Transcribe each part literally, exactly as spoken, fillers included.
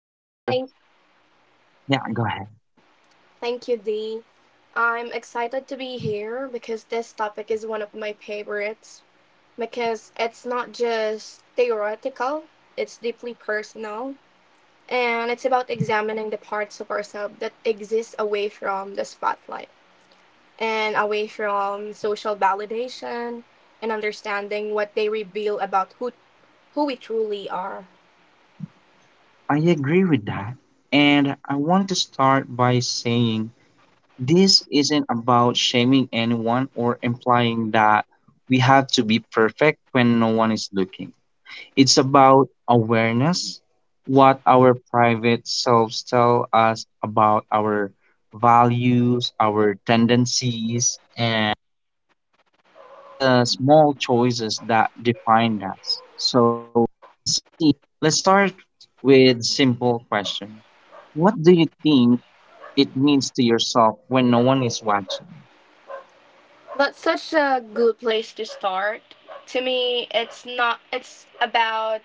And Thank, yeah, go ahead. Thank you, Dee. I'm excited to be here because this topic is one of my favorites. Because it's not just theoretical, it's deeply personal. And it's about examining the parts of ourselves that exist away from the spotlight and away from social validation and understanding what they reveal about who, who we truly are. I agree with that. And I want to start by saying this isn't about shaming anyone or implying that we have to be perfect when no one is looking. It's about awareness, what our private selves tell us about our values, our tendencies, and the small choices that define us. So, Francine, let's start with simple question. What do you think it means to yourself when no one is watching? That's such a good place to start. To me, it's not, it's about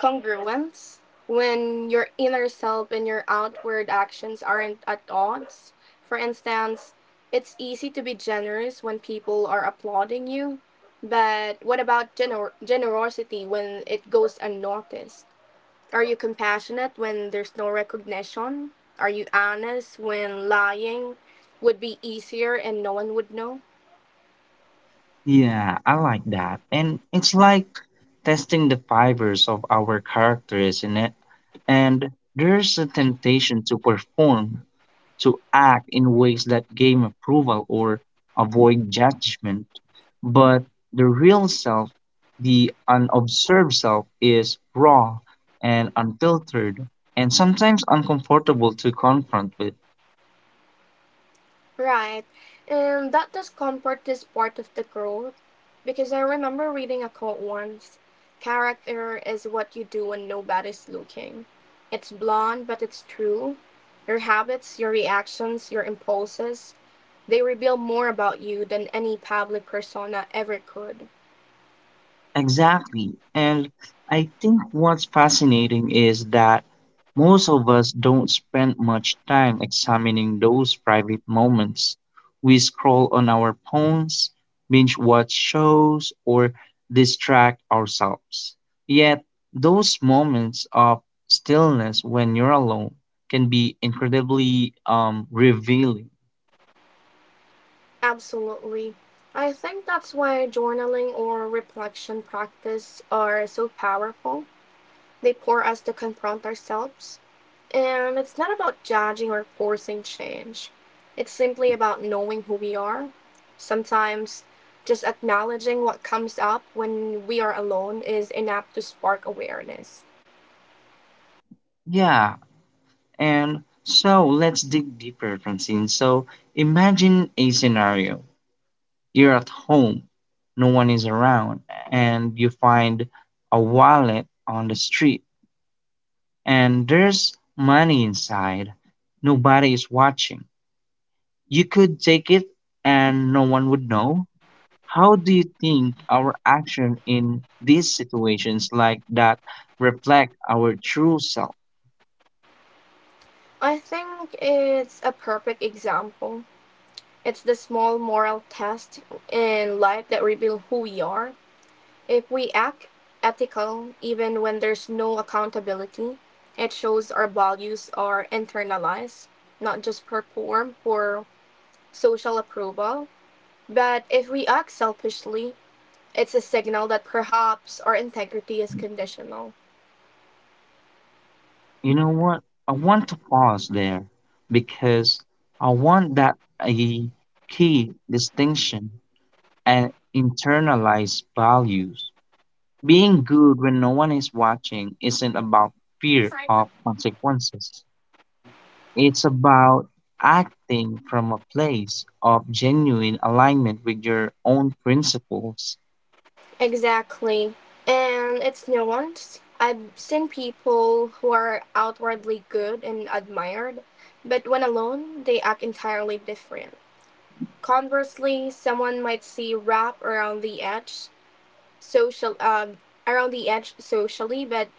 congruence, when your inner self and your outward actions aren't at odds. For instance, it's easy to be generous when people are applauding you, but what about gener- generosity when it goes unnoticed? Are you compassionate when there's no recognition? Are you honest when lying would be easier and no one would know? Yeah, I like that. And it's like testing the fibers of our character, isn't it? And there's a temptation to perform, to act in ways that gain approval or avoid judgment. But the real self, the unobserved self, is raw and unfiltered and sometimes uncomfortable to confront with. Right. And that discomfort is part of the growth. Because I remember reading a quote once. Character is what you do when nobody's looking. It's blonde, but it's true. Your habits, your reactions, your impulses, they reveal more about you than any public persona ever could. Exactly. And I think what's fascinating is that most of us don't spend much time examining those private moments. We scroll on our phones, binge watch shows, or distract ourselves. Yet, those moments of stillness when you're alone can be incredibly um, revealing. Absolutely. I think that's why journaling or reflection practice are so powerful. They pour us to confront ourselves. And it's not about judging or forcing change. It's simply about knowing who we are. Sometimes just acknowledging what comes up when we are alone is enough to spark awareness. Yeah, and so let's dig deeper, Francine. So imagine a scenario you're at home, no one is around, and you find a wallet on the street and there's money inside, nobody is watching. You could take it and no one would know. How do you think our action in these situations like that reflect our true self? I think it's a perfect example. It's the small moral test in life that reveal who we are. If we act ethical even when there's no accountability, it shows our values are internalized, not just performed for social approval. But if we act selfishly, it's a signal that perhaps our integrity is conditional. You know what? I want to pause there because I want that a key distinction and internalized values. Being good when no one is watching isn't about fear of consequences. It's about acting from a place of genuine alignment with your own principles. Exactly. And it's nuanced. I've seen people who are outwardly good and admired, but when alone, they act entirely different. Conversely, someone might see rap around the edge social um, around the edge socially, but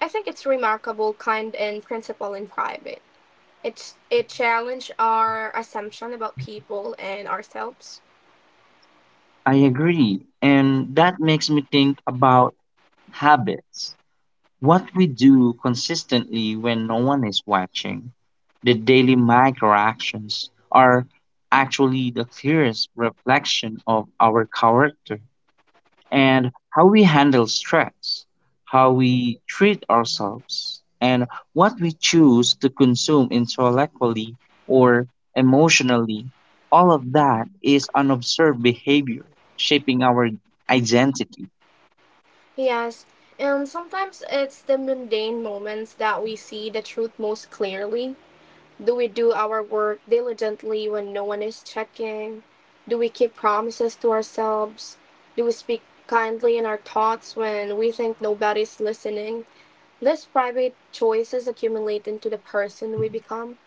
I think it's remarkable, kind in principle in private. It it challenged our assumption about people and ourselves. I agree, and that makes me think about habits. What we do consistently when no one is watching. The daily microactions are actually the clearest reflection of our character and how we handle stress, how we treat ourselves, and what we choose to consume intellectually or emotionally. All of that is unobserved behavior shaping our identity. Yes, and sometimes it's the mundane moments that we see the truth most clearly. Do we do our work diligently when no one is checking? Do we keep promises to ourselves? Do we speak kindly in our thoughts when we think nobody's listening? These private choices accumulate into the person we become.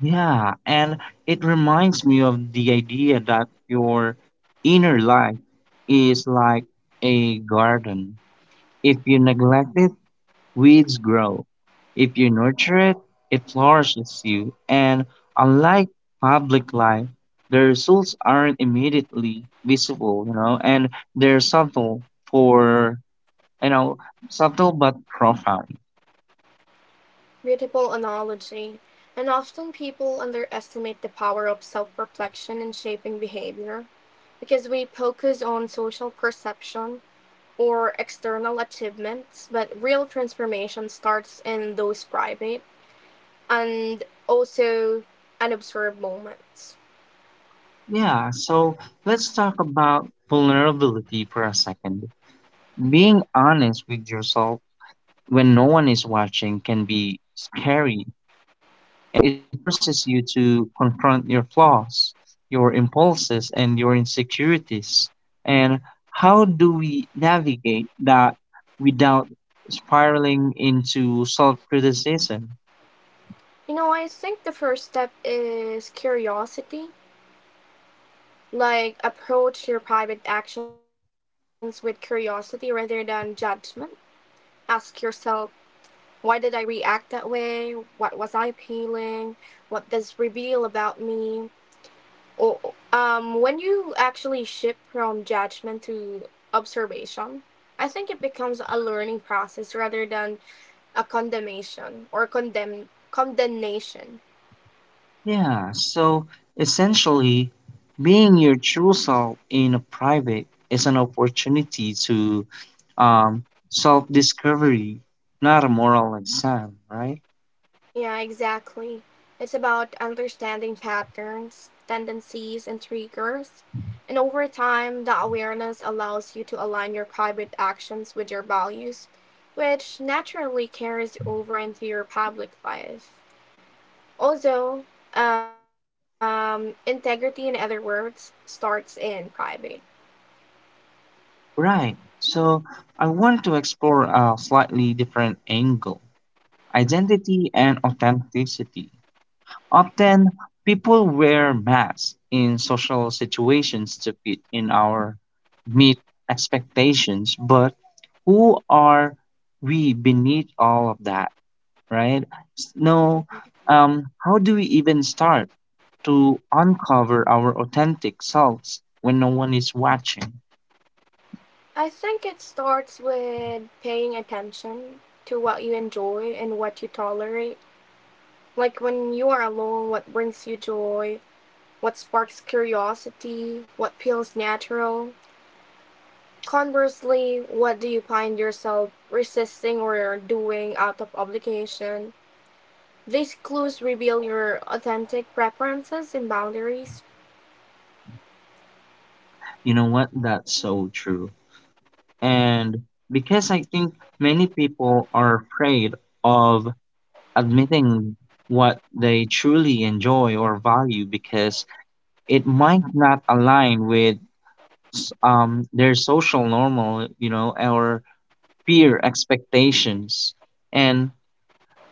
Yeah, and it reminds me of the idea that your inner life is like a garden. If you neglect it, weeds grow. If you nurture it, it flourishes you. And unlike public life, the results aren't immediately visible, you know, and they're subtle for, you know, subtle but profound. Beautiful analogy. And often people underestimate the power of self reflection in shaping behavior because we focus on social perception or external achievements, but real transformation starts in those private and also unobserved moments. Yeah, so let's talk about vulnerability for a second. Being honest with yourself when no one is watching can be scary, and it forces you to confront your flaws, your impulses, and your insecurities. And how do we navigate that without spiraling into self criticism? You know, I think the first step is curiosity. Like, approach your private actions with curiosity rather than judgment. Ask yourself, why did I react that way? What was I feeling? What does this reveal about me? Or um, When you actually shift from judgment to observation, I think it becomes a learning process rather than a condemnation or condemn condemnation. Yeah, so essentially, being your true self in a private is an opportunity to um, self discovery, not a moral exam, right? Yeah, exactly. It's about understanding patterns, tendencies, and triggers. And over time, the awareness allows you to align your private actions with your values, which naturally carries over into your public life. Also, um, integrity, in other words, starts in private. Right. So I want to explore a slightly different angle identity and authenticity. Often, people wear masks in social situations to fit in our meet expectations, but who are we beneath all of that, right? S- No, um, how do we even start to uncover our authentic selves when no one is watching? I think it starts with paying attention to what you enjoy and what you tolerate. Like when you are alone, what brings you joy, what sparks curiosity, what feels natural. Conversely, what do you find yourself resisting or doing out of obligation? These clues reveal your authentic preferences and boundaries. You know what? That's so true. And because I think many people are afraid of admitting what they truly enjoy or value because it might not align with s- um, their social normal, you know, or peer expectations. And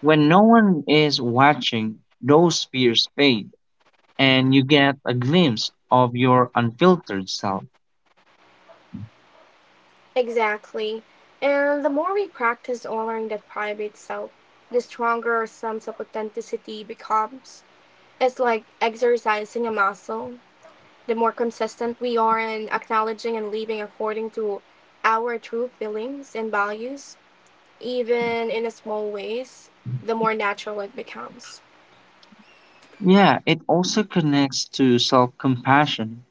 when no one is watching, those fears fade and you get a glimpse of your unfiltered self. Exactly. And the more we practice honoring that private self, the stronger our sense of authenticity becomes. It's like exercising a muscle. The more consistent we are in acknowledging and living according to our true feelings and values, even in small ways, the more natural it becomes. Yeah, it also connects to self compassion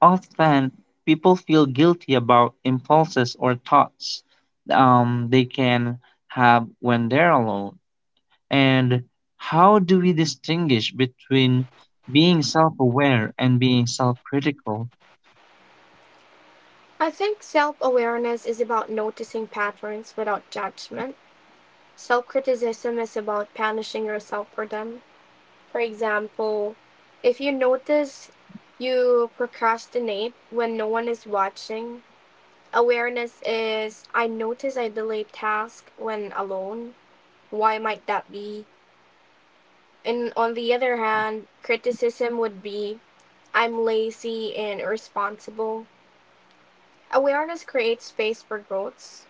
often people feel guilty about impulses or thoughts um, they can have when they're alone. And how do we distinguish between being self aware and being self critical? I think self awareness is about noticing patterns without judgment. Self criticism is about punishing yourself for them. For example, if you notice you procrastinate when no one is watching, awareness is I notice I delay tasks when alone. Why might that be? And on the other hand, criticism would be I'm lazy and irresponsible. Awareness creates space for growth,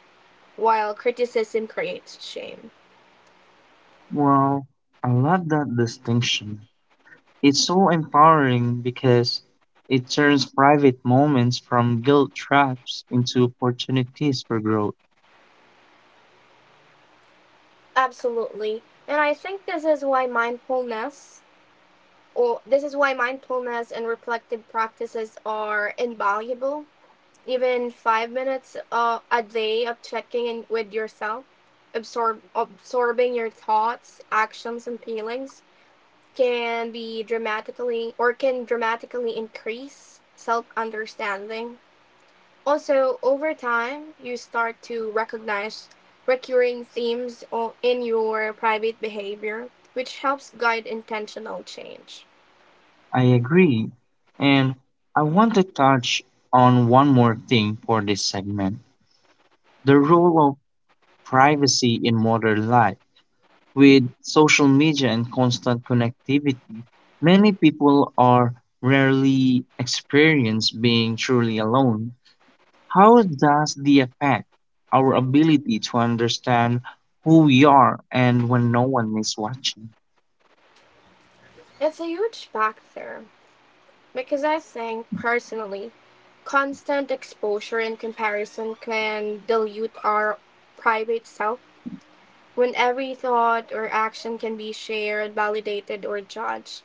while criticism creates shame. Well, I love that distinction. It's so empowering because it turns private moments from guilt traps into opportunities for growth. Absolutely. And I think this is why mindfulness Or this is why mindfulness and reflective practices are invaluable. Even five minutes uh, a day of checking in with yourself, absorb absorbing your thoughts, actions, and feelings can be dramatically or can dramatically increase self understanding. Also, over time, you start to recognize recurring themes in your private behavior, which helps guide intentional change. I agree. And I want to touch on one more thing for this segment the role of privacy in modern life. With social media and constant connectivity, many people are rarely experience being truly alone. How does the affect our ability to understand who we are and when no one is watching? It's a huge factor because I think personally, constant exposure and comparison can dilute our private self. When every thought or action can be shared, validated, or judged,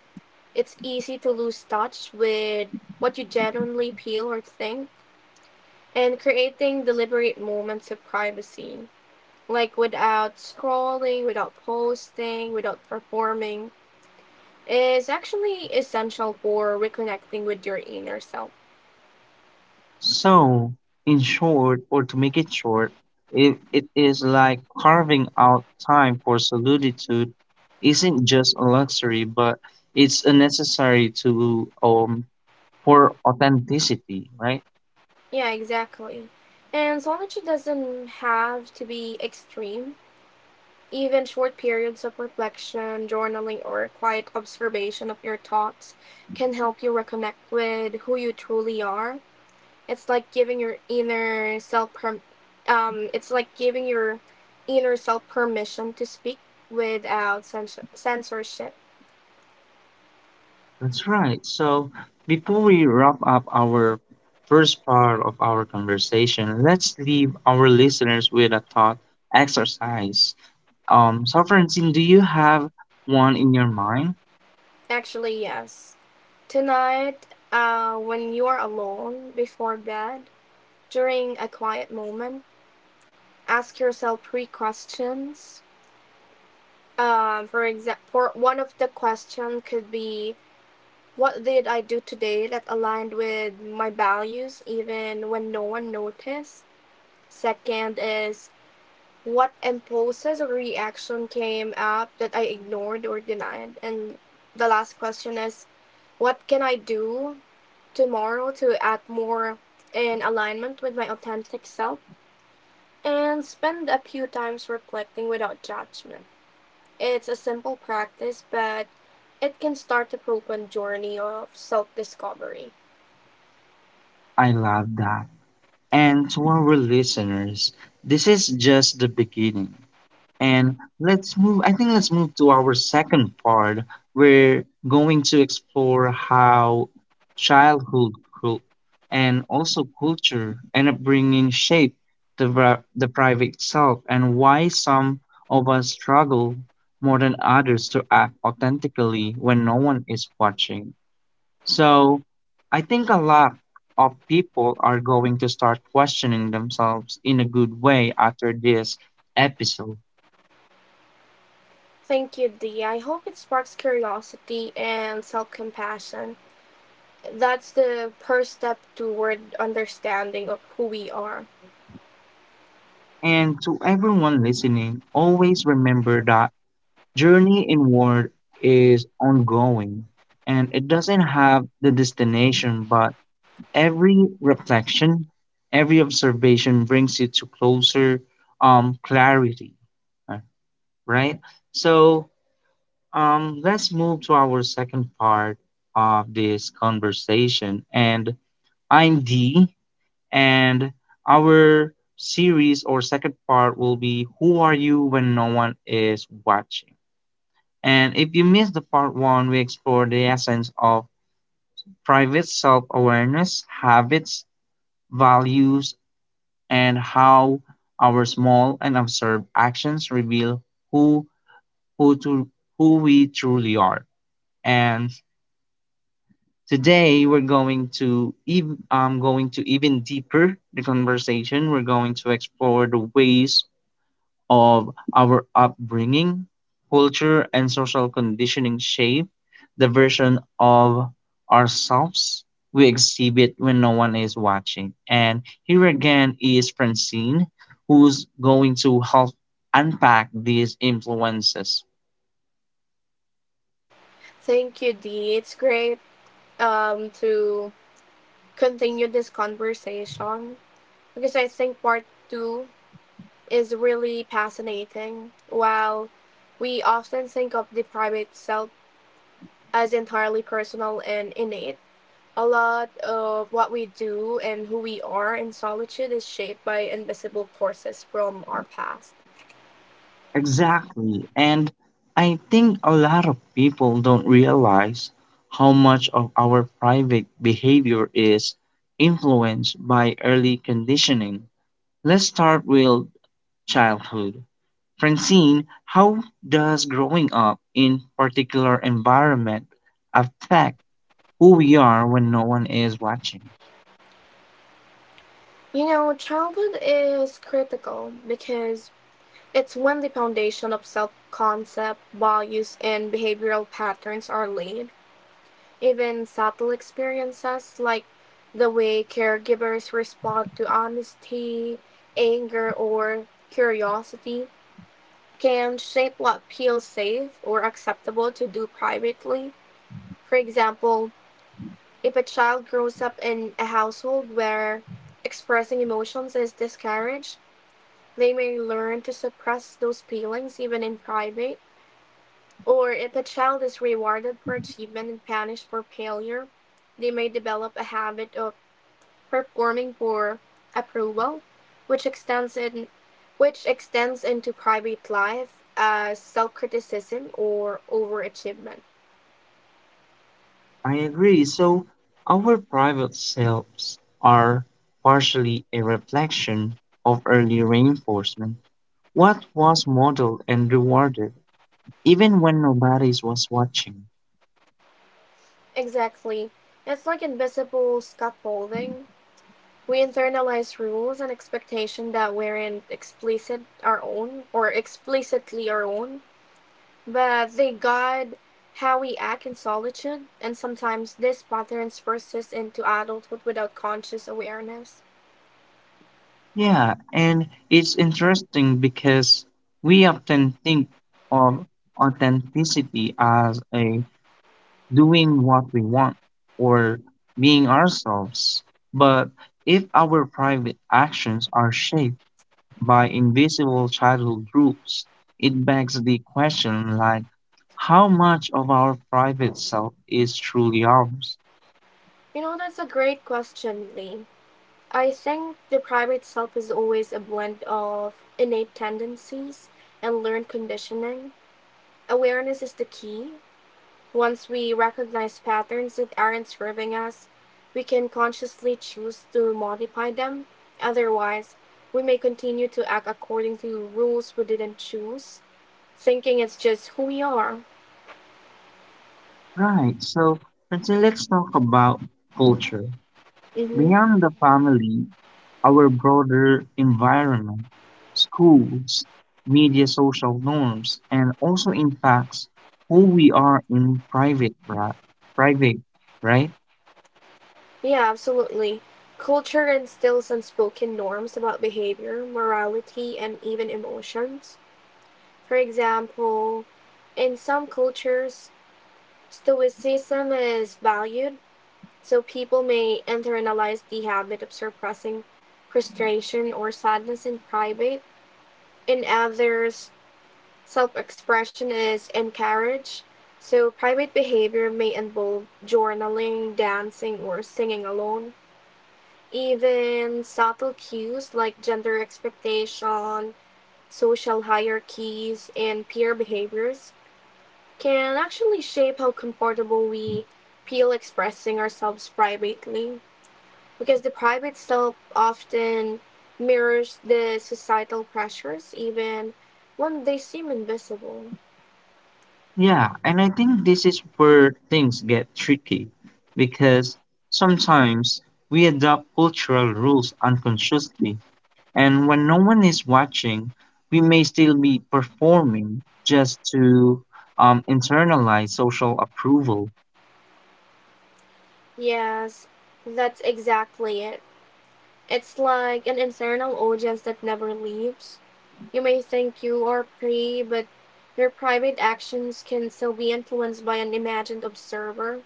it's easy to lose touch with what you genuinely feel or think and creating deliberate moments of privacy. Like without scrolling, without posting, without performing, is actually essential for reconnecting with your inner self. So, in short, or to make it short, it, it is like carving out time for solitude isn't just a luxury, but it's a necessary to um for authenticity, right? Yeah, exactly. And solitude doesn't have to be extreme. Even short periods of reflection, journaling, or quiet observation of your thoughts can help you reconnect with who you truly are. It's like giving your inner self per. Um, it's like giving your inner self permission to speak without cens- censorship. That's right. So, before we wrap up our first part of our conversation, let's leave our listeners with a thought exercise. Um, so Francine, do you have one in your mind? Actually, yes. Tonight, uh, when you are alone before bed, during a quiet moment, ask yourself three questions. Um, for example, one of the questions could be, "What did I do today that aligned with my values, even when no one noticed?" Second is, "What impulses or reaction came up that I ignored or denied?" And the last question is, "What can I do tomorrow to act more in alignment with my authentic self and spend a few times reflecting without judgment." It's a simple practice, but it can start a profound journey of self discovery. I love that. And to our listeners, this is just the beginning. And let's move, I think let's move to our second part. We're going to explore how childhood cul- and also culture and upbringing shape the, pri- the private self and why some of us struggle more than others to act authentically when no one is watching. So I think a lot of people are going to start questioning themselves in a good way after this episode. Thank you, Dee. I hope it sparks curiosity and self compassion. That's the first step toward understanding of who we are. And to everyone listening, always remember that journey inward is ongoing and it doesn't have the destination, but every reflection, every observation brings you to closer um clarity, uh, right? So Um, let's move to our second part of this conversation. And I'm Dee, and our series or second part will be Who Are You When No One Is Watching? And if you missed the part one, we explore the essence of private self awareness, habits, values, and how our small and observed actions reveal who who to who we truly are. And today we're going to ev- I'm going to even deeper the conversation. We're going to explore the ways of our upbringing, culture, and social conditioning shape the version of ourselves we exhibit when no one is watching. And here again is Francine, who's going to help unpack these influences. Thank you, Dee. It's great um, to continue this conversation, because I think part two is really fascinating. While we often think of the private self as entirely personal and innate, a lot of what we do and who we are in solitude is shaped by invisible forces from our past. Exactly. And I think a lot of people don't realize how much of our private behavior is influenced by early conditioning. Let's start with childhood. Francine, how does growing up in particular environment affect who we are when no one is watching? You know, childhood is critical because it's when the foundation of self concept, values, and behavioral patterns are laid. Even subtle experiences like the way caregivers respond to honesty, anger, or curiosity can shape what feels safe or acceptable to do privately. For example, if a child grows up in a household where expressing emotions is discouraged, they may learn to suppress those feelings even in private. Or if a child is rewarded for achievement and punished for failure, they may develop a habit of performing for approval, which extends in which extends into private life as self-criticism or overachievement. I agree. So our private selves are partially a reflection of early reinforcement. What was modeled and rewarded, even when nobody was watching. Exactly. It's like invisible scaffolding. We internalize rules and expectations that weren't explicit our own or explicitly our own, but they guide how we act in solitude, and sometimes these patterns persist into adulthood without conscious awareness. Yeah, and it's interesting because we often think of authenticity as a doing what we want or being ourselves. But if our private actions are shaped by invisible childhood rules, it begs the question like how much of our private self is truly ours? You know, that's a great question, Lee. I think the private self is always a blend of innate tendencies and learned conditioning. Awareness is the key. Once we recognize patterns that aren't serving us, we can consciously choose to modify them. Otherwise, we may continue to act according to rules we didn't choose, thinking it's just who we are. Right. So, Francine, let's talk about culture. Mm-hmm. Beyond the family, our broader environment, schools, media, social norms, and also impacts who we are in private, right? Private, right? Yeah, absolutely. Culture instills unspoken norms about behavior, morality, and even emotions. For example, in some cultures, stoicism is valued, so people may internalize the habit of suppressing frustration or sadness in private. In others, self expression is encouraged, so private behavior may involve journaling, dancing, or singing alone. Even subtle cues like gender expectation, social hierarchies, and peer behaviors can actually shape how comfortable we feel expressing ourselves privately. Because the private self often mirrors the societal pressures, even when they seem invisible. Yeah. And I think this is where things get tricky because sometimes we adopt cultural rules unconsciously. And when no one is watching, we may still be performing just to um, internalize social approval. Yes, that's exactly it. It's like an internal audience that never leaves. You may think you are free, but your private actions can still be influenced by an imagined observer,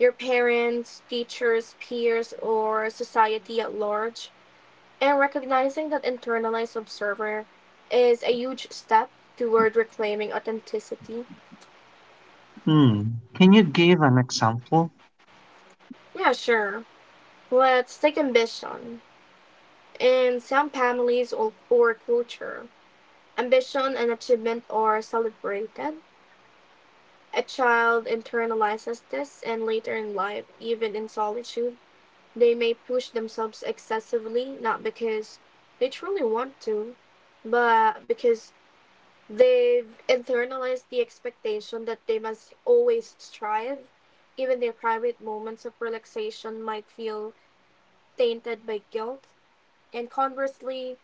your parents, teachers, peers, or society at large. And recognizing that internalized observer is a huge step toward reclaiming authenticity. Hmm. Can you give an example? Yeah, sure. Let's take ambition. In some families or, or culture, ambition and achievement are celebrated. A child internalizes this, and later in life, even in solitude, they may push themselves excessively, not because they truly want to, but because they've internalized the expectation that they must always strive. Even their private moments of relaxation might feel tainted by guilt. And conversely,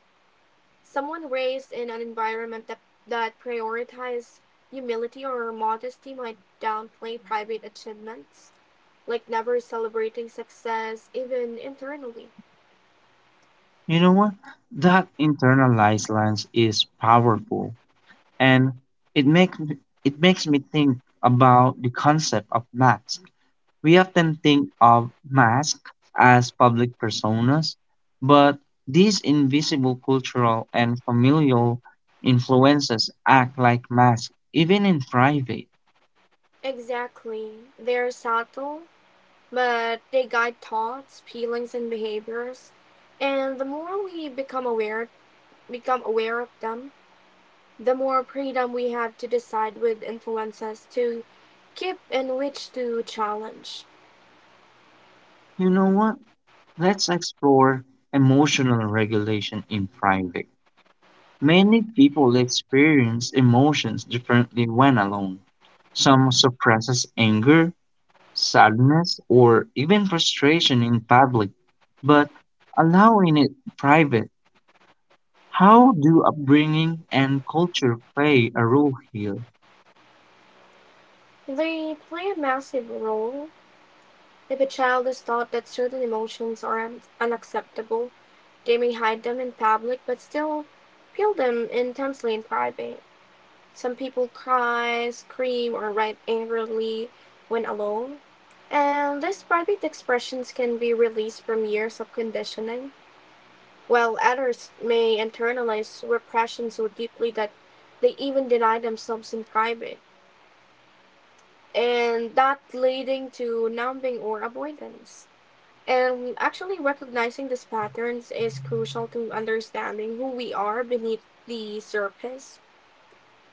someone raised in an environment that, that prioritizes humility or modesty might downplay private achievements like never celebrating success even internally. You know what? That internalized lens is powerful, and it makes it makes me think about the concept of math. We often think of masks as public personas, but these invisible cultural and familial influences act like masks even in private. Exactly. They're subtle, but they guide thoughts, feelings, and behaviors. And the more we become aware, become aware of them, the more freedom we have to decide with influences to keep and which to challenge. You know what? Let's explore emotional regulation in private. Many people experience emotions differently when alone. Some suppresses anger, sadness, or even frustration in public, but allowing it private. How do upbringing and culture play a role here? They play a massive role. If a child is taught that certain emotions are unacceptable, they may hide them in public, but still feel them intensely in private. Some people cry, scream, or write angrily when alone, and these private expressions can be released from years of conditioning, while others may internalize repression so deeply that they even deny themselves in private, and that leading to numbing or avoidance. And actually recognizing these patterns is crucial to understanding who we are beneath the surface.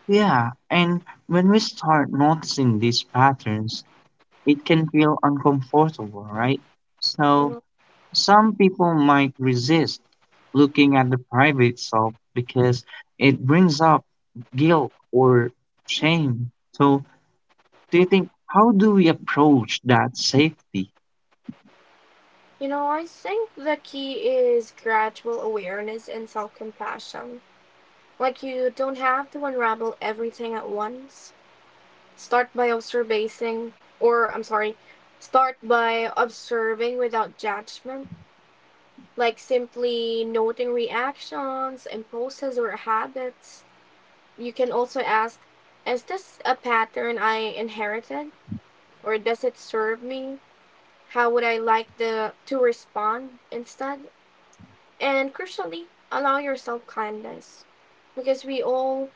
Yeah, and when we start noticing these patterns, it can feel uncomfortable, right? So, Mhm. some people might resist looking at the private self because it brings up guilt or shame. So, do you think how do we approach that safety? You know, I think the key is gradual awareness and self compassion. Like, you don't have to unravel everything at once. Start by observing, or I'm sorry, Start by observing without judgment, like simply noting reactions, impulses, or habits. You can also ask, is this a pattern I inherited? Or does it serve me? How would I like the to respond instead? And crucially, allow yourself kindness. Because we all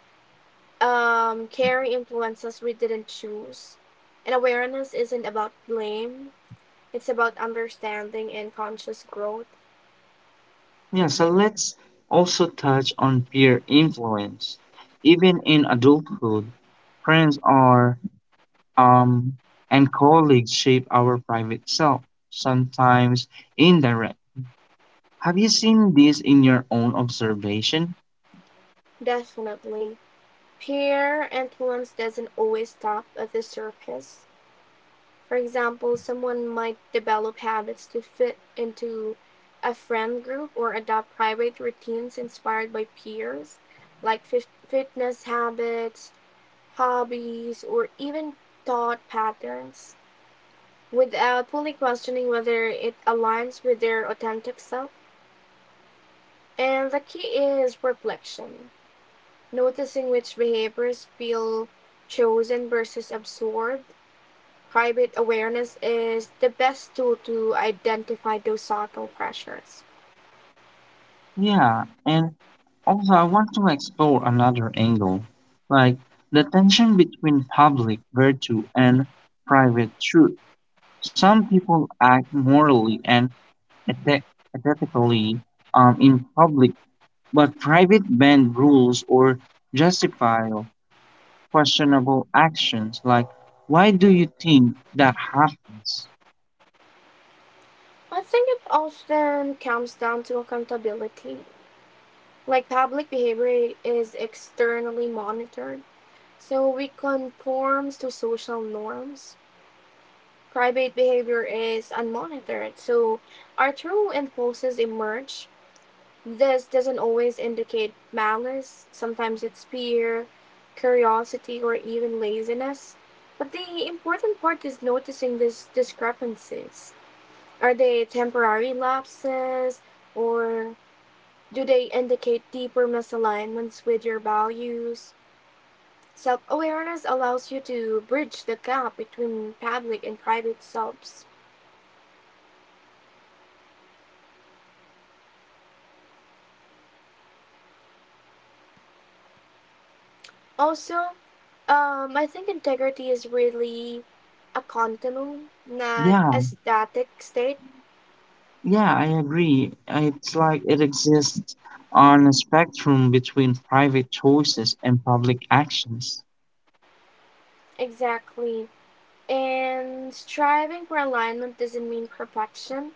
um, carry influences we didn't choose. And awareness isn't about blame, it's about understanding and conscious growth. Yeah, so let's also touch on peer influence. Even in adulthood, Friends are um and colleagues shape our private self, sometimes indirect. Have you seen this in your own observation? Definitely. Peer influence doesn't always stop at the surface. For example, someone might develop habits to fit into a friend group or adopt private routines inspired by peers, like fit- fitness habits, hobbies, or even thought patterns, without fully questioning whether it aligns with their authentic self. And the key is reflection, noticing which behaviors feel chosen versus absorbed. Private awareness is the best tool to identify those subtle pressures. Yeah, and also I want to explore another angle, like the tension between public virtue and private truth. Some people act morally and eth- ethically um, in public, but private bend rules or justify questionable actions like why do you think that happens. I think it often comes down to accountability. Like, public behavior is externally monitored, so we conform to social norms. Private behavior is unmonitored, so our true impulses emerge. This doesn't always indicate malice, sometimes it's fear, curiosity, or even laziness. But the important part is noticing these discrepancies. Are they temporary lapses, or do they indicate deeper misalignments with your values? Self awareness allows you to bridge the gap between public and private selves. Also, um, I think integrity is really a continuum, not Yeah, a static state. yeah, I agree, it's like it exists on a spectrum between private choices and public actions. Exactly. And striving for alignment doesn't mean perfection,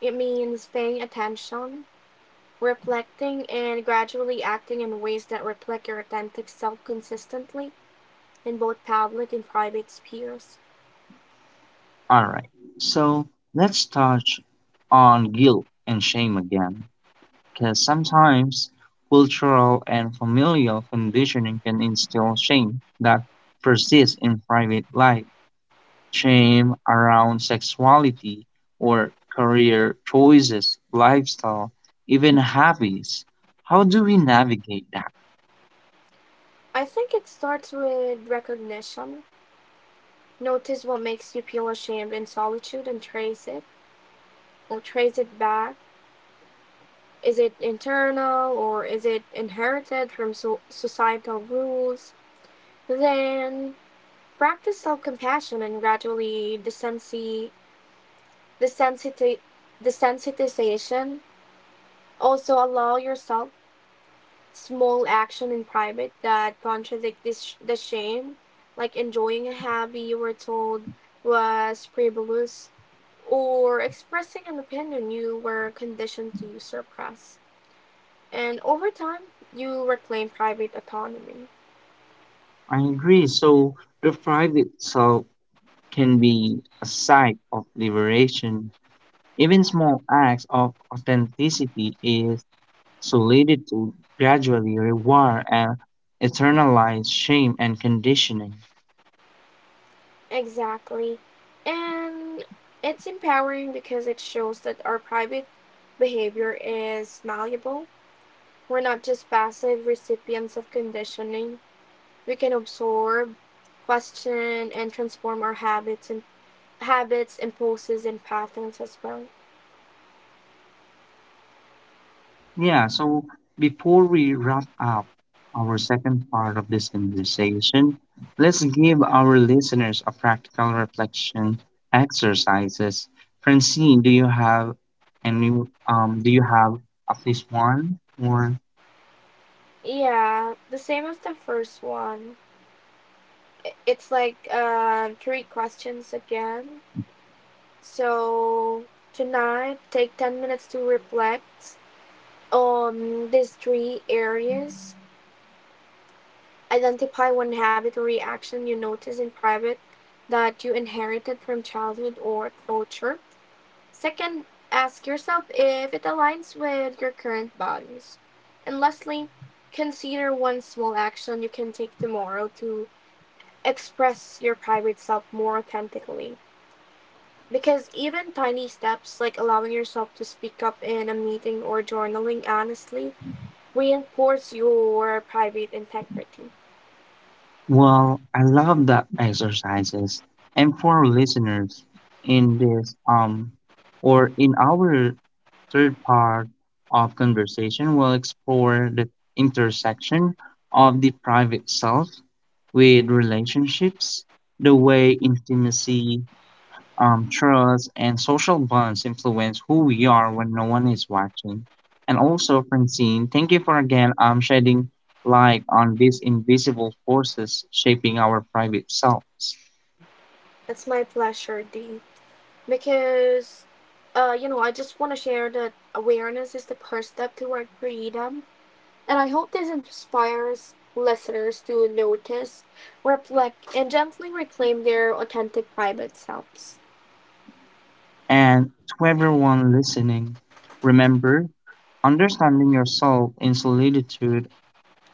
it means paying attention, reflecting, and gradually acting in ways that reflect your authentic self consistently in both public and private spheres. All right, so let's touch on guilt and shame again because sometimes cultural and familial conditioning can instill shame that persists in private life shame around sexuality or career choices, lifestyle, even hobbies. How do we navigate that? I think it starts with recognition. Notice what makes you feel ashamed in solitude and trace it, or trace it back. Is it internal or is it inherited from so- societal rules? Then practice self compassion and gradually desensi- desensiti- desensitization. Also, allow yourself small action in private that contradict this sh- the shame, like enjoying a hobby you were told was frivolous or expressing an opinion you were conditioned to suppress. And over time, you reclaim private autonomy. I agree. So the private self can be a site of liberation. Even small acts of authenticity is solidity to gradually reward and eternalize shame and conditioning. Exactly. And it's empowering because it shows that our private behavior is malleable. We're not just passive recipients of conditioning. We can absorb, question, and transform our habits and habits, impulses, and patterns as well. Yeah, so before we wrap up our second part of this conversation, let's give our listeners a practical reflection exercises. Francine, do you have any um do you have at least one or Yeah, the same as the first one. It's like uh, three questions again. So tonight, take ten minutes to reflect on these three areas. Identify one habit or reaction you notice in private that you inherited from childhood or culture. Second, ask yourself if it aligns with your current values. And lastly, consider one small action you can take tomorrow to express your private self more authentically. Because even tiny steps like allowing yourself to speak up in a meeting or journaling honestly reinforce your private integrity. well, I love that exercises. And for our listeners in this um or in our third part of conversation will explore the intersection of the private self with relationships, the way intimacy, um, trust, and social bonds influence who we are when no one is watching. And also, Francine, thank you for again um, shedding light on these invisible forces shaping our private selves. It's my pleasure, Dee. Because, uh, you know, I just want to share that awareness is the first step toward freedom. And I hope this inspires listeners to notice, reflect, and gently reclaim their authentic private selves. And to everyone listening, remember, understanding yourself in solitude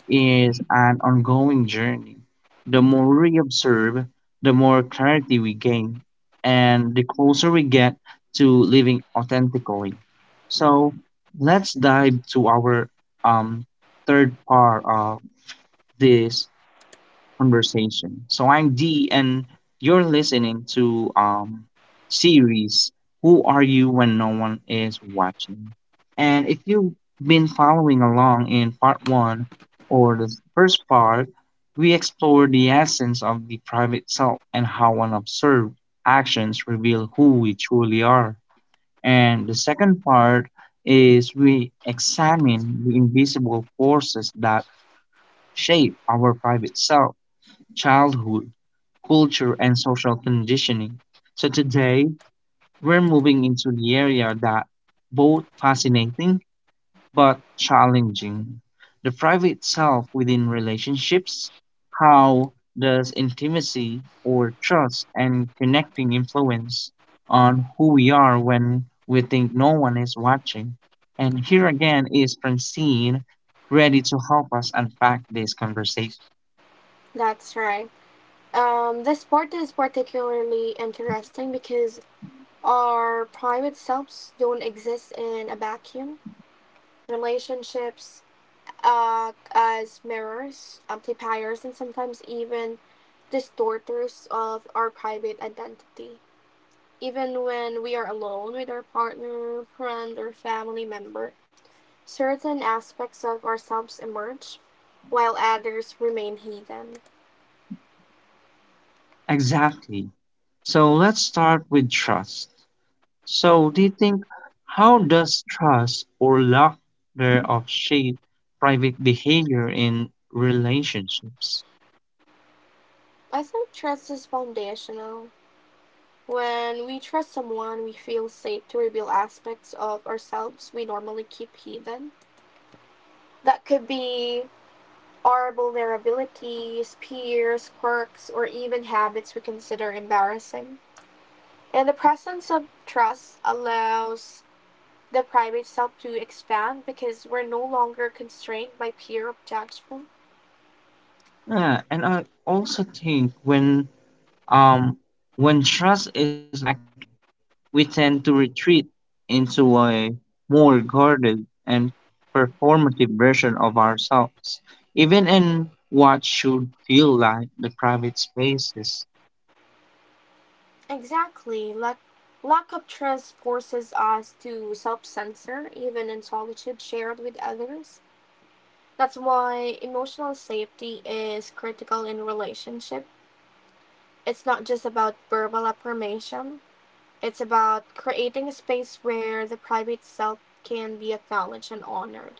is an ongoing journey. The more we observe, the more clarity we gain, and the closer we get to living authentically. So let's dive to our um, third part of this conversation. So I'm D, and you're listening to um series Who Are You When No One Is Watching. And if you've been following along in part one or the first part, we explore the essence of the private self and how unobserved actions reveal who we truly are. And the second part is we examine the invisible forces that shape our private self childhood, culture, and social conditioning. So today, we're moving into the area that both fascinating but challenging. The private self within relationships, how does intimacy or trust and connecting influence on who we are when we think no one is watching? And here again is Francine ready to help us unpack this conversation. That's right. Um, this part is particularly interesting because our private selves don't exist in a vacuum. Relationships uh, as mirrors, amplifiers, and sometimes even distorters of our private identity. Even when we are alone with our partner, friend, or family member, certain aspects of ourselves emerge, while others remain hidden. Exactly. So let's start with trust. So do you think how does trust or lack thereof shape private behavior in relationships? I think trust is foundational. When we trust someone, we feel safe to reveal aspects of ourselves we normally keep hidden. That could be our vulnerabilities, fears, quirks, or even habits we consider embarrassing. And the presence of trust allows the private self to expand because we're no longer constrained by fear of judgment. Yeah, and I also think when um when trust is lacking, we tend to retreat into a more guarded and performative version of ourselves, even in what should feel like the private spaces. Exactly. Lack, lack of trust forces us to self censor, even in solitude shared with others. That's why emotional safety is critical in relationship. It's not just about verbal affirmation. It's about creating a space where the private self can be acknowledged and honored.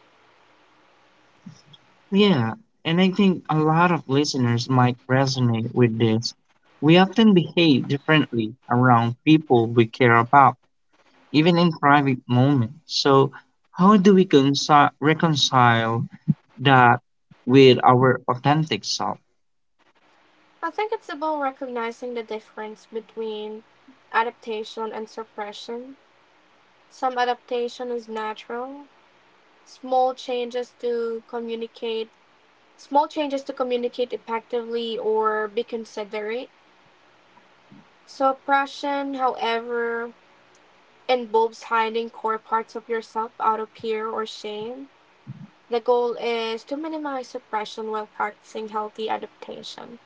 Yeah, and I think a lot of listeners might resonate with this. We often behave differently around people we care about, even in private moments. So, how do we conci- reconcile that with our authentic self? I think it's about recognizing the difference between adaptation and suppression. Some adaptation is natural. Small changes to communicate Small changes to communicate effectively or be considerate. Suppression, however, involves hiding core parts of yourself out of fear or shame. The goal is to minimize suppression while practicing healthy adaptation.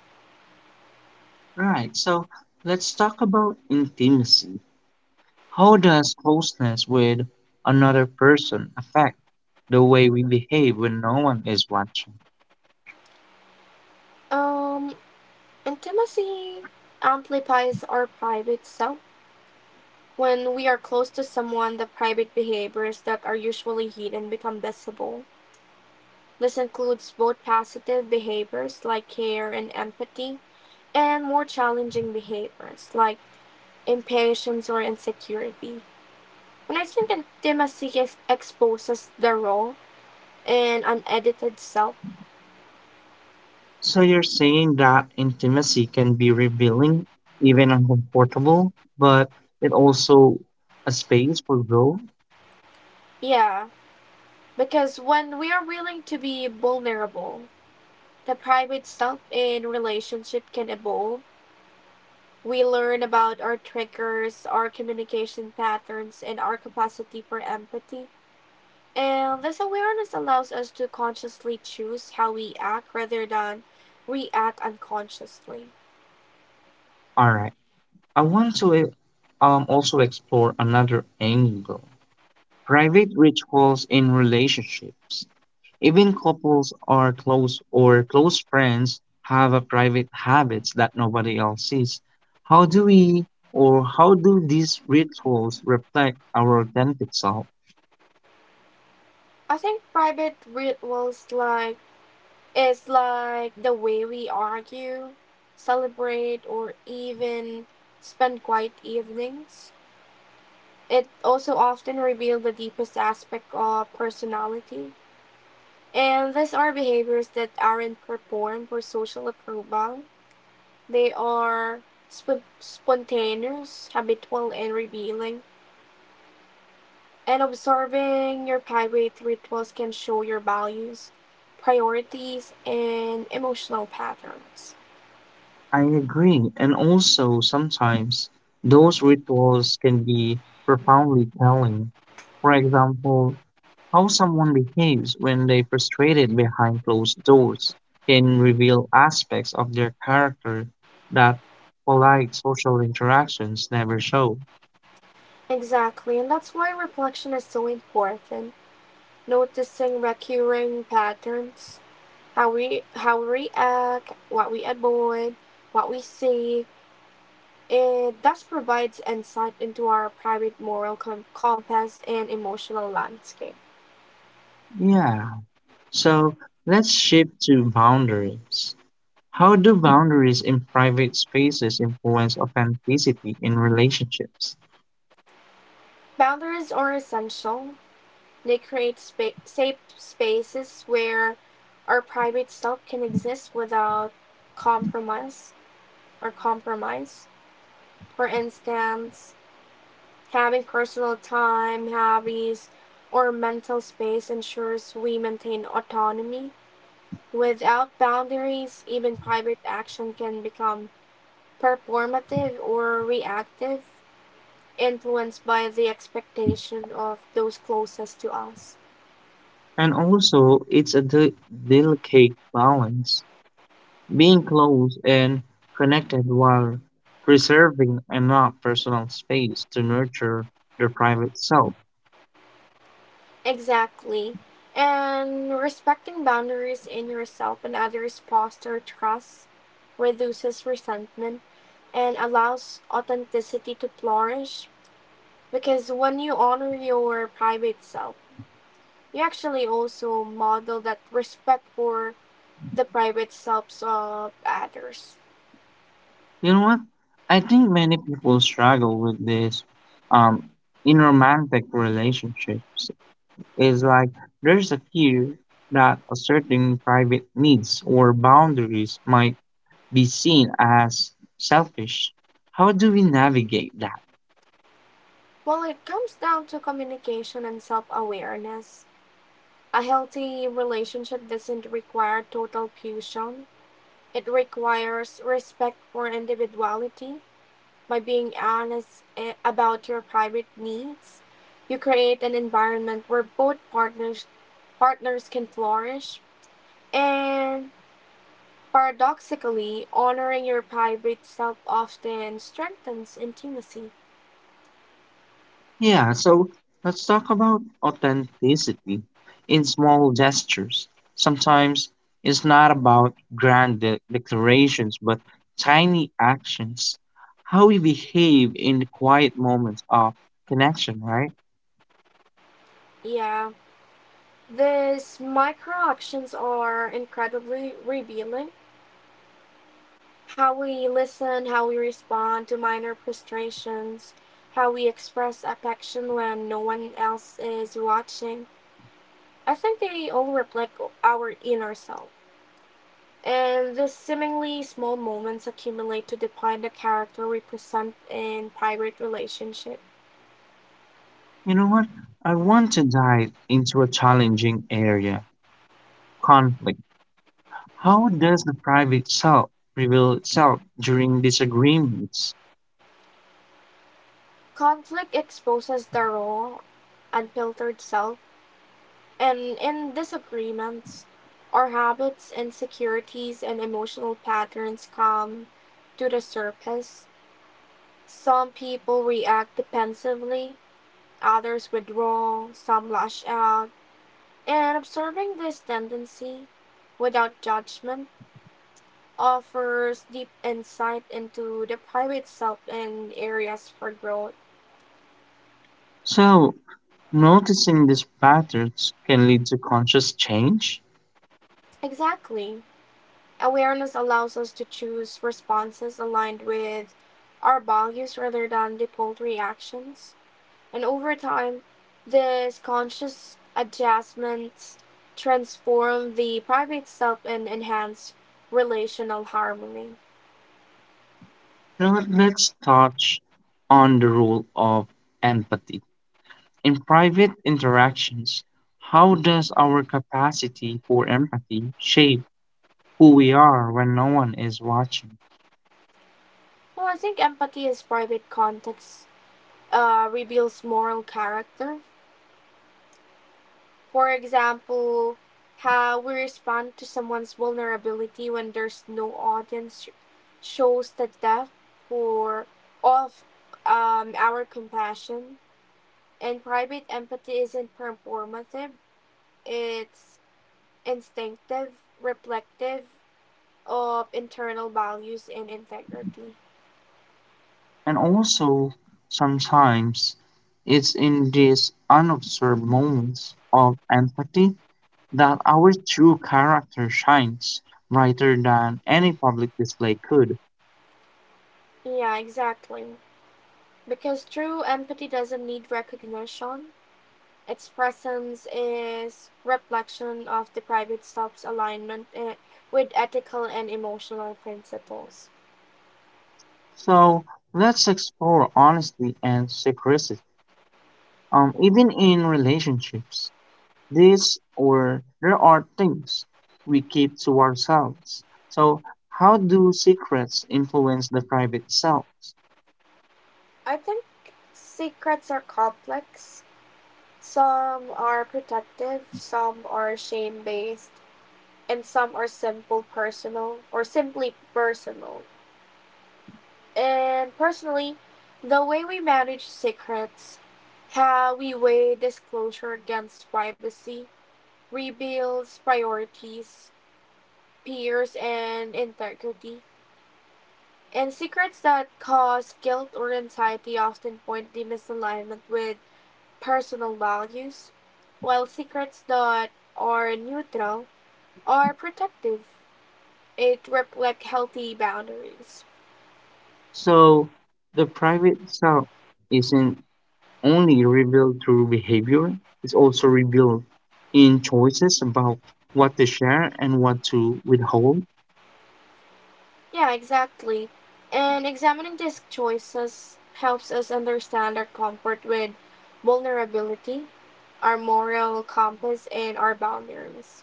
Right, so let's talk about intimacy. How does closeness with another person affect the way we behave when no one is watching? Um, Intimacy amplifies our private self. When we are close to someone, the private behaviors that are usually hidden become visible. This includes both positive behaviors like care and empathy, and more challenging behaviors like impatience or insecurity. When I think intimacy ex- exposes the raw and unedited self. So you're saying that intimacy can be revealing, even uncomfortable, but it also a space for growth. Yeah, because when we are willing to be vulnerable, the private self in relationship can evolve. We learn about our triggers, our communication patterns, and our capacity for empathy. And this awareness allows us to consciously choose how we act rather than react unconsciously. All right. I want to um also explore another angle. Private rituals in relationships. Even couples are close or close friends have a private habits that nobody else sees. How do we or how do these rituals reflect our authentic self? I think private rituals like, it's like the way we argue, celebrate, or even spend quiet evenings. It also often reveals the deepest aspect of personality. And these are behaviors that aren't performed for social approval. They are sp- spontaneous, habitual, and revealing. And observing your private rituals can show your values, priorities, and emotional patterns. I agree. And also, sometimes those rituals can be profoundly telling. For example, how someone behaves when they're frustrated behind closed doors can reveal aspects of their character that polite social interactions never show. Exactly, and that's why reflection is so important. Noticing recurring patterns, how we how we react, what we avoid, what we see, it thus provides insight into our private moral com- compass and emotional landscape. Yeah, so let's shift to boundaries. How do boundaries in private spaces influence authenticity in relationships? Boundaries are essential. They create spa- safe spaces where our private self can exist without compromise or compromise. For instance, having personal time, hobbies, or mental space ensures we maintain autonomy. Without boundaries, even private action can become performative or reactive, influenced by the expectation of those closest to us. And also, it's a de- delicate balance, being close and connected while preserving enough personal space to nurture their private self. Exactly. And respecting boundaries in yourself and others foster trust, reduces resentment, and allows authenticity to flourish. Because when you honor your private self, you actually also model that respect for the private selves of others. You know what? I think many people struggle with this um, in romantic relationships. It's like there's a fear that asserting private needs or boundaries might be seen as selfish. How do we navigate that? Well, it comes down to communication and self awareness. A healthy relationship doesn't require total fusion, it requires respect for individuality. By being honest eh, about your private needs, you create an environment where both partners partners can flourish and, paradoxically, honoring your private self often strengthens intimacy. Yeah, so let's talk about authenticity in small gestures. Sometimes it's not about grand de- declarations, but tiny actions. How we behave in the quiet moments of connection, right? Yeah, these micro actions are incredibly revealing. How we listen, how we respond to minor frustrations, how we express affection when no one else is watching. I think they all reflect our inner self. And the seemingly small moments accumulate to define the character we present in private relationships. You know what? I want to dive into a challenging area conflict. How does the private self reveal itself during disagreements? Conflict exposes the raw, unfiltered self, and in disagreements, our habits, insecurities, and emotional patterns come to the surface. Some people react defensively, others withdraw, some lash out, and observing this tendency without judgment offers deep insight into the private self and areas for growth. So, noticing these patterns can lead to conscious change. Exactly. Awareness allows us to choose responses aligned with our values rather than default reactions. And over time, these conscious adjustments transform the private self and enhance relational harmony. Now, let- let's touch on the role of empathy. In private interactions, how does our capacity for empathy shape who we are when no one is watching? Well, I think empathy as private context uh, reveals moral character. For example, how we respond to someone's vulnerability when there's no audience shows the depth or of um, our compassion. And private empathy isn't performative, it's instinctive, reflective of internal values and integrity. And also, sometimes it's in these unobserved moments of empathy that our true character shines brighter than any public display could. Yeah, exactly. Because true empathy doesn't need recognition, expressions is reflection of the private self's alignment eh, with ethical and emotional principles. So let's explore honesty and secrecy. Um, even in relationships, this or there are things we keep to ourselves. So how do secrets influence the private self? I think secrets are complex. Some are protective, some are shame based, and some are simple personal or simply personal. And personally, the way we manage secrets, how we weigh disclosure against privacy, reveals priorities, peers and integrity. And secrets that cause guilt or anxiety often point to misalignment with personal values, while secrets that are neutral are protective. It reflects healthy boundaries. So the private self isn't only revealed through behavior, it's also revealed in choices about what to share and what to withhold. Yeah, exactly. And examining these choices helps us understand our comfort with vulnerability, our moral compass, and our boundaries.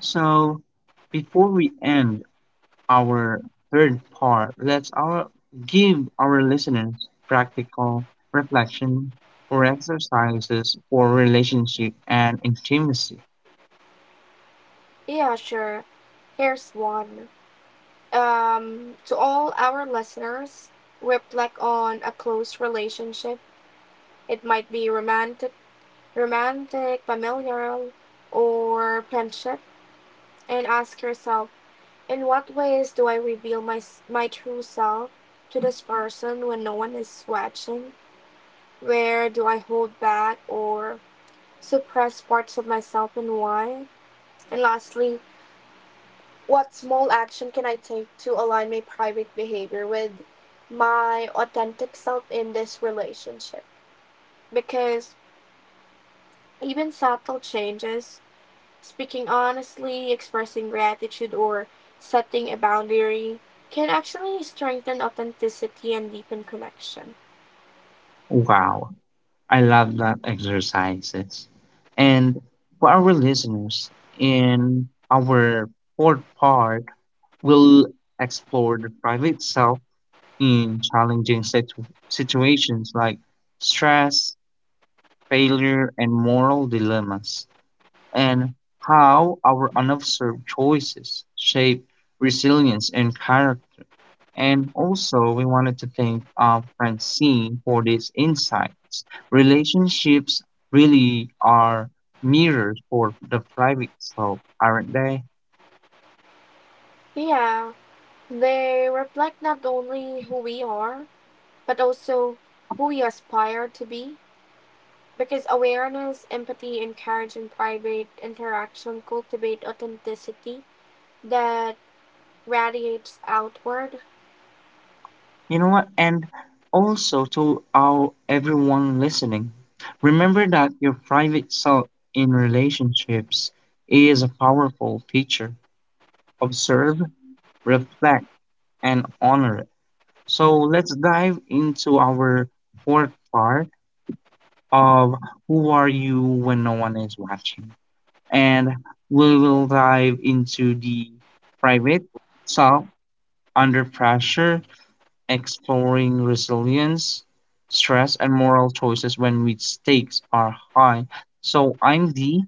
So before we end our third part, lets our give our listeners practical reflection or exercises for relationship and intimacy. Yeah, sure. Here's one. Um, to all our listeners, reflect on a close relationship. It might be romantic, romantic, familial, or friendship, and ask yourself, in what ways do I reveal my my true self to this person when no one is watching? Where do I hold back or suppress parts of myself, and why? And lastly, what small action can I take to align my private behavior with my authentic self in this relationship? Because even subtle changes, speaking honestly, expressing gratitude, or setting a boundary, can actually strengthen authenticity and deepen connection. Wow, I love that exercises. And for our listeners, in our fourth part, we'll explore the private self in challenging situ- situations like stress, failure, and moral dilemmas. And how our unobserved choices shape resilience and character. And also, we wanted to thank uh, Francine for these insights. Relationships really are mirrors for the private self, aren't they? Yeah, they reflect not only who we are, but also who we aspire to be. Because awareness, empathy, and courage in private interaction cultivate authenticity that radiates outward. You know what? And also to our everyone listening, remember that your private self in relationships is a powerful teacher. Observe, reflect and honor. So let's dive into our fourth part of who are you when no one is watching. And we will dive into the private self under pressure, exploring resilience, stress, and moral choices when stakes are high. So I'm Dee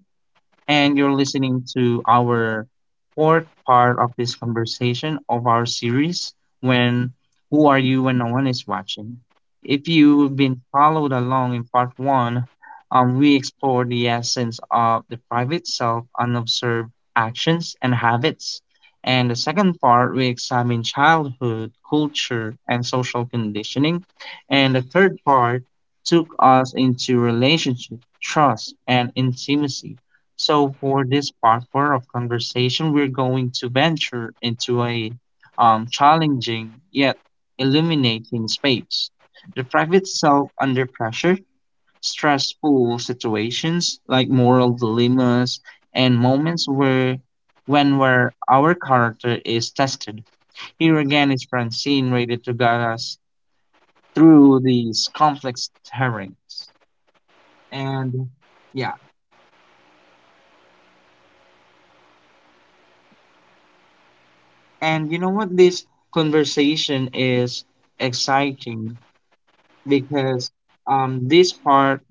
and you're listening to our fourth part of this conversation of our series when who are you when no one is watching. If you've been followed along in part one, um, we explored the essence of the private self unobserved actions and habits, and the second part we examine childhood culture and social conditioning, and the third part took us into relationship trust and intimacy. So for this part four of conversation, we're going to venture into a um, challenging yet illuminating space. The private self under pressure, stressful situations like moral dilemmas, and moments where when where our character is tested. Here again is Francine ready to guide us through these complex terrains. And yeah, and you know what? This conversation is exciting because um, this part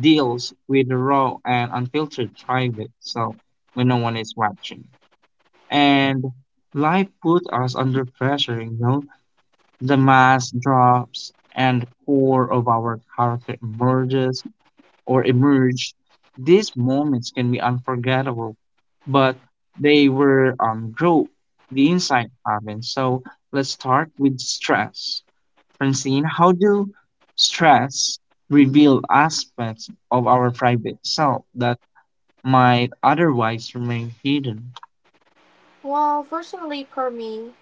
deals with the raw and unfiltered private, so when no one is watching. And life put us under pressure, you know, the mask drops and the core of our character emerges or emerge, these moments can be unforgettable, but they were um, grow the insight happens. So let's start with stress. Francine, how do stress reveal aspects of our private self that might otherwise remain hidden? Well, fortunately for me,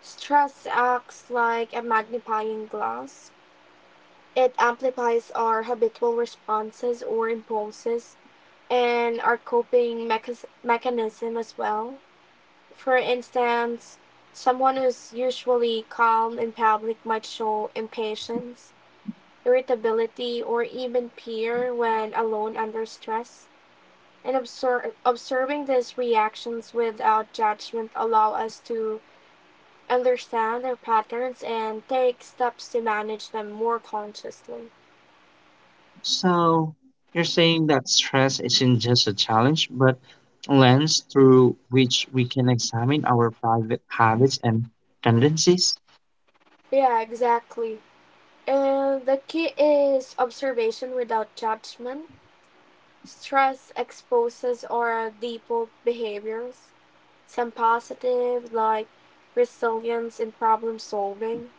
stress acts like a magnifying glass. It amplifies our habitual responses or impulses and our coping mechas mechanism as well. For instance, someone who's usually calm in public might show impatience irritability, or even fear when alone under stress. And obser- observing these reactions without judgment allow us to understand their patterns and take steps to manage them more consciously. So you're saying that stress isn't just a challenge, but a lens through which we can examine our private habits and tendencies? Yeah, exactly. And the key is observation without judgment. Stress exposes our default behaviors, some positive like resilience in problem solving,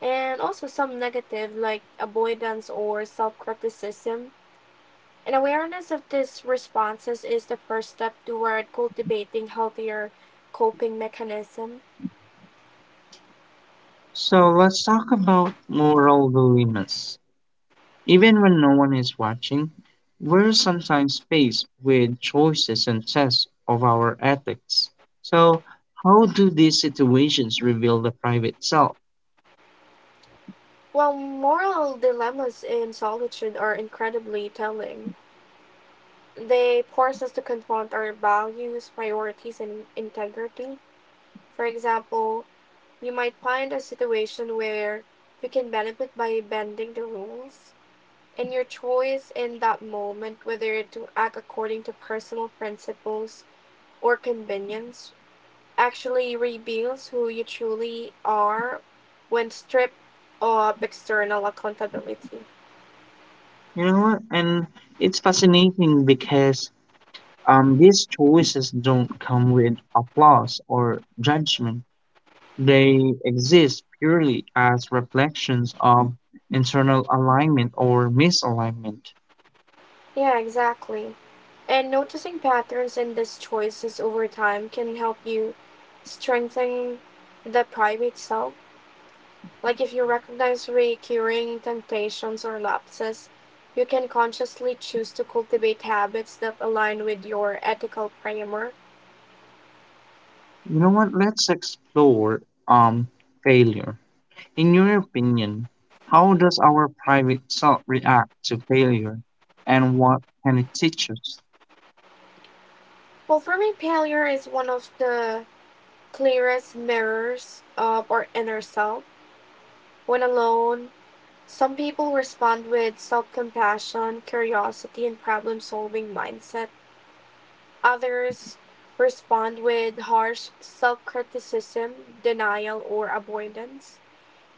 and also some negative like avoidance or self-criticism. An awareness of these responses is the first step toward cultivating healthier coping mechanisms. So let's talk about moral dilemmas. Even when no one is watching, we're sometimes faced with choices and tests of our ethics. So, how do these situations reveal the private self? While moral dilemmas in solitude are incredibly telling, they force us to confront our values, priorities, and integrity. For example, you might find a situation where you can benefit by bending the rules. And your choice in that moment, whether to act according to personal principles or convenience, actually reveals who you truly are when stripped of external accountability. You know what? And it's fascinating because um, these choices don't come with applause or judgment. They exist purely as reflections of internal alignment or misalignment. Yeah, exactly. And noticing patterns in these choices over time can help you strengthen the private self. Like if you recognize recurring temptations or lapses, you can consciously choose to cultivate habits that align with your ethical primer. You know what? Let's explore um failure. In your opinion, how does our private self react to failure and what can it teach us? Well, for me, failure is one of the clearest mirrors of our inner self. When alone, some people respond with self compassion, curiosity, and problem solving mindset. Others respond with harsh self criticism, denial, or avoidance.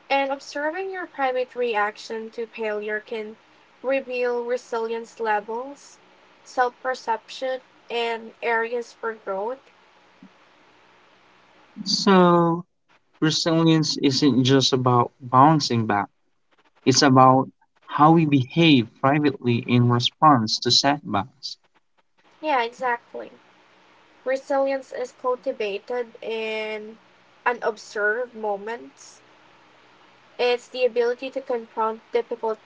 And observing your primate reaction to failure can reveal resilience levels, self perception, and areas for growth. So, resilience isn't just about bouncing back. It's about how we behave privately in response to setbacks. Yeah, exactly. Resilience is cultivated in unobserved moments. It's the ability to confront difficult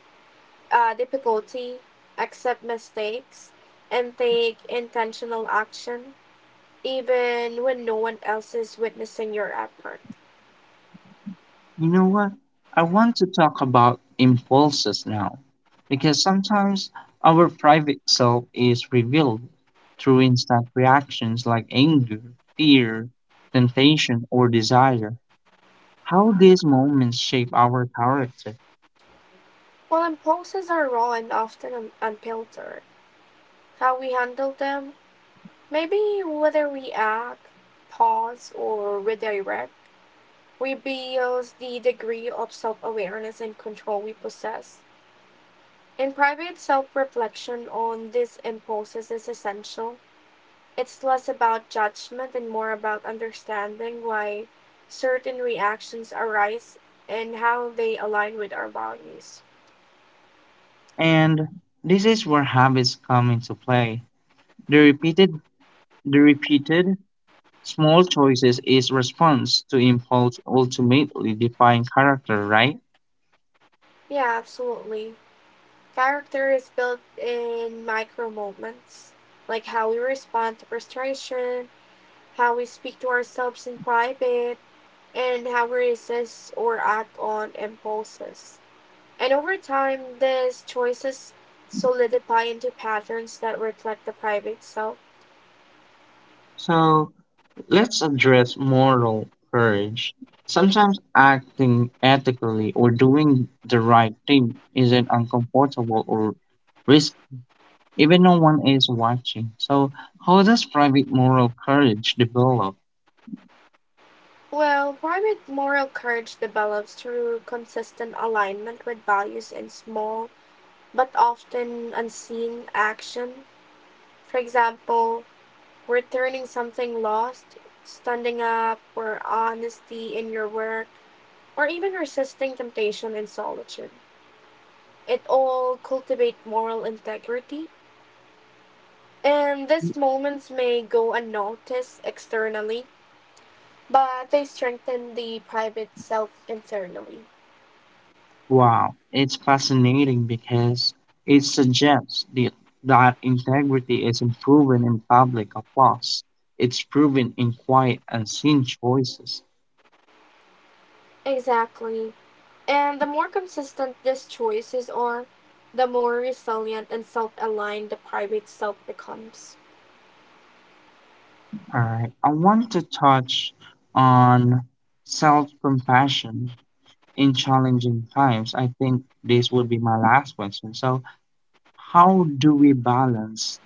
uh, difficulty, accept mistakes, and take intentional action, even when no one else is witnessing your effort. You know what? I want to talk about impulses now because sometimes our private self is revealed through instant reactions like anger, fear, temptation, or desire. How these moments shape our character. While impulses are raw and often un unfiltered, how we handle them maybe whether we act, pause, or redirect reveals the degree of self awareness and control we possess. In private, self reflection on these impulses is essential. It's less about judgment and more about understanding why certain reactions arise and how they align with our values. And this is where habits come into play. The repeated, the repeated small choices is response to impulse ultimately define character, right? Yeah, absolutely. Character is built in micro moments, like how we respond to frustration, how we speak to ourselves in private, and how we resist or act on impulses. And over time, these choices solidify into patterns that reflect the private self. So let's address moral courage. Sometimes acting ethically or doing the right thing isn't uncomfortable or risk. Even no one is watching. So, how does private moral courage develop? Well, private moral courage develops through consistent alignment with values in small but often unseen action. For example, returning something lost, standing up for honesty in your work, or even resisting temptation in solitude. It all cultivates moral integrity, and these moments may go unnoticed externally, but they strengthen the private self internally. Wow, it's fascinating because it suggests the, that integrity isn't proven in public applause, it's proven in quiet, unseen choices. Exactly. And the more consistent these choices are, the more resilient and self aligned the private self becomes. All right, I want to touch on self compassion in challenging times. I think this would be my last question. So, how do we balance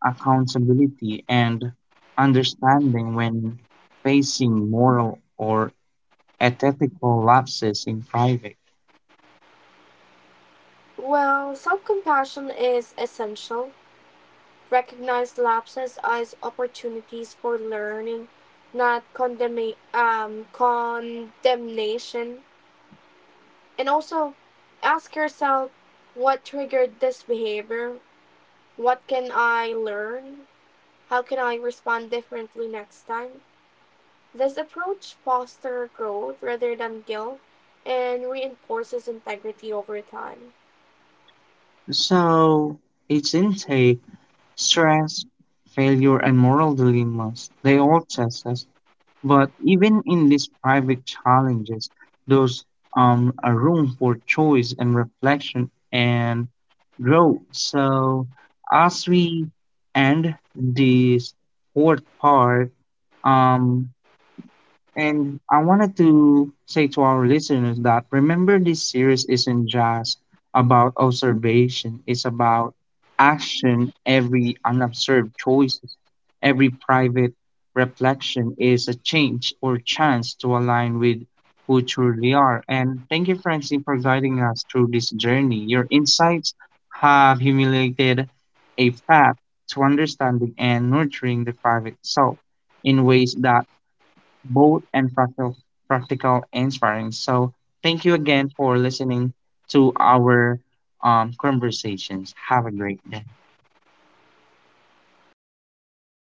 accountability and understanding when facing moral or ethical lapses in private. Well, self compassion is essential. Recognize lapses as opportunities for learning, not condemn- um, condemnation. And also ask yourself, what triggered this behavior? What can I learn? How can I respond differently next time? This approach fosters growth rather than guilt and reinforces integrity over time. So, its intake, stress, failure, and moral dilemmas, they all test us. But even in these private challenges, there's um, a room for choice and reflection and growth. So, as we end this fourth part, um, and I wanted to say to our listeners that remember this series isn't just about observation, it's about action. Every unobserved choice, every private reflection is a change or chance to align with who truly are. And thank you, Francine, for guiding us through this journey. Your insights have humiliated a path to understanding and nurturing the private self in ways that bold and practical, practical and inspiring. So thank you again for listening to our um, conversations. Have a great day.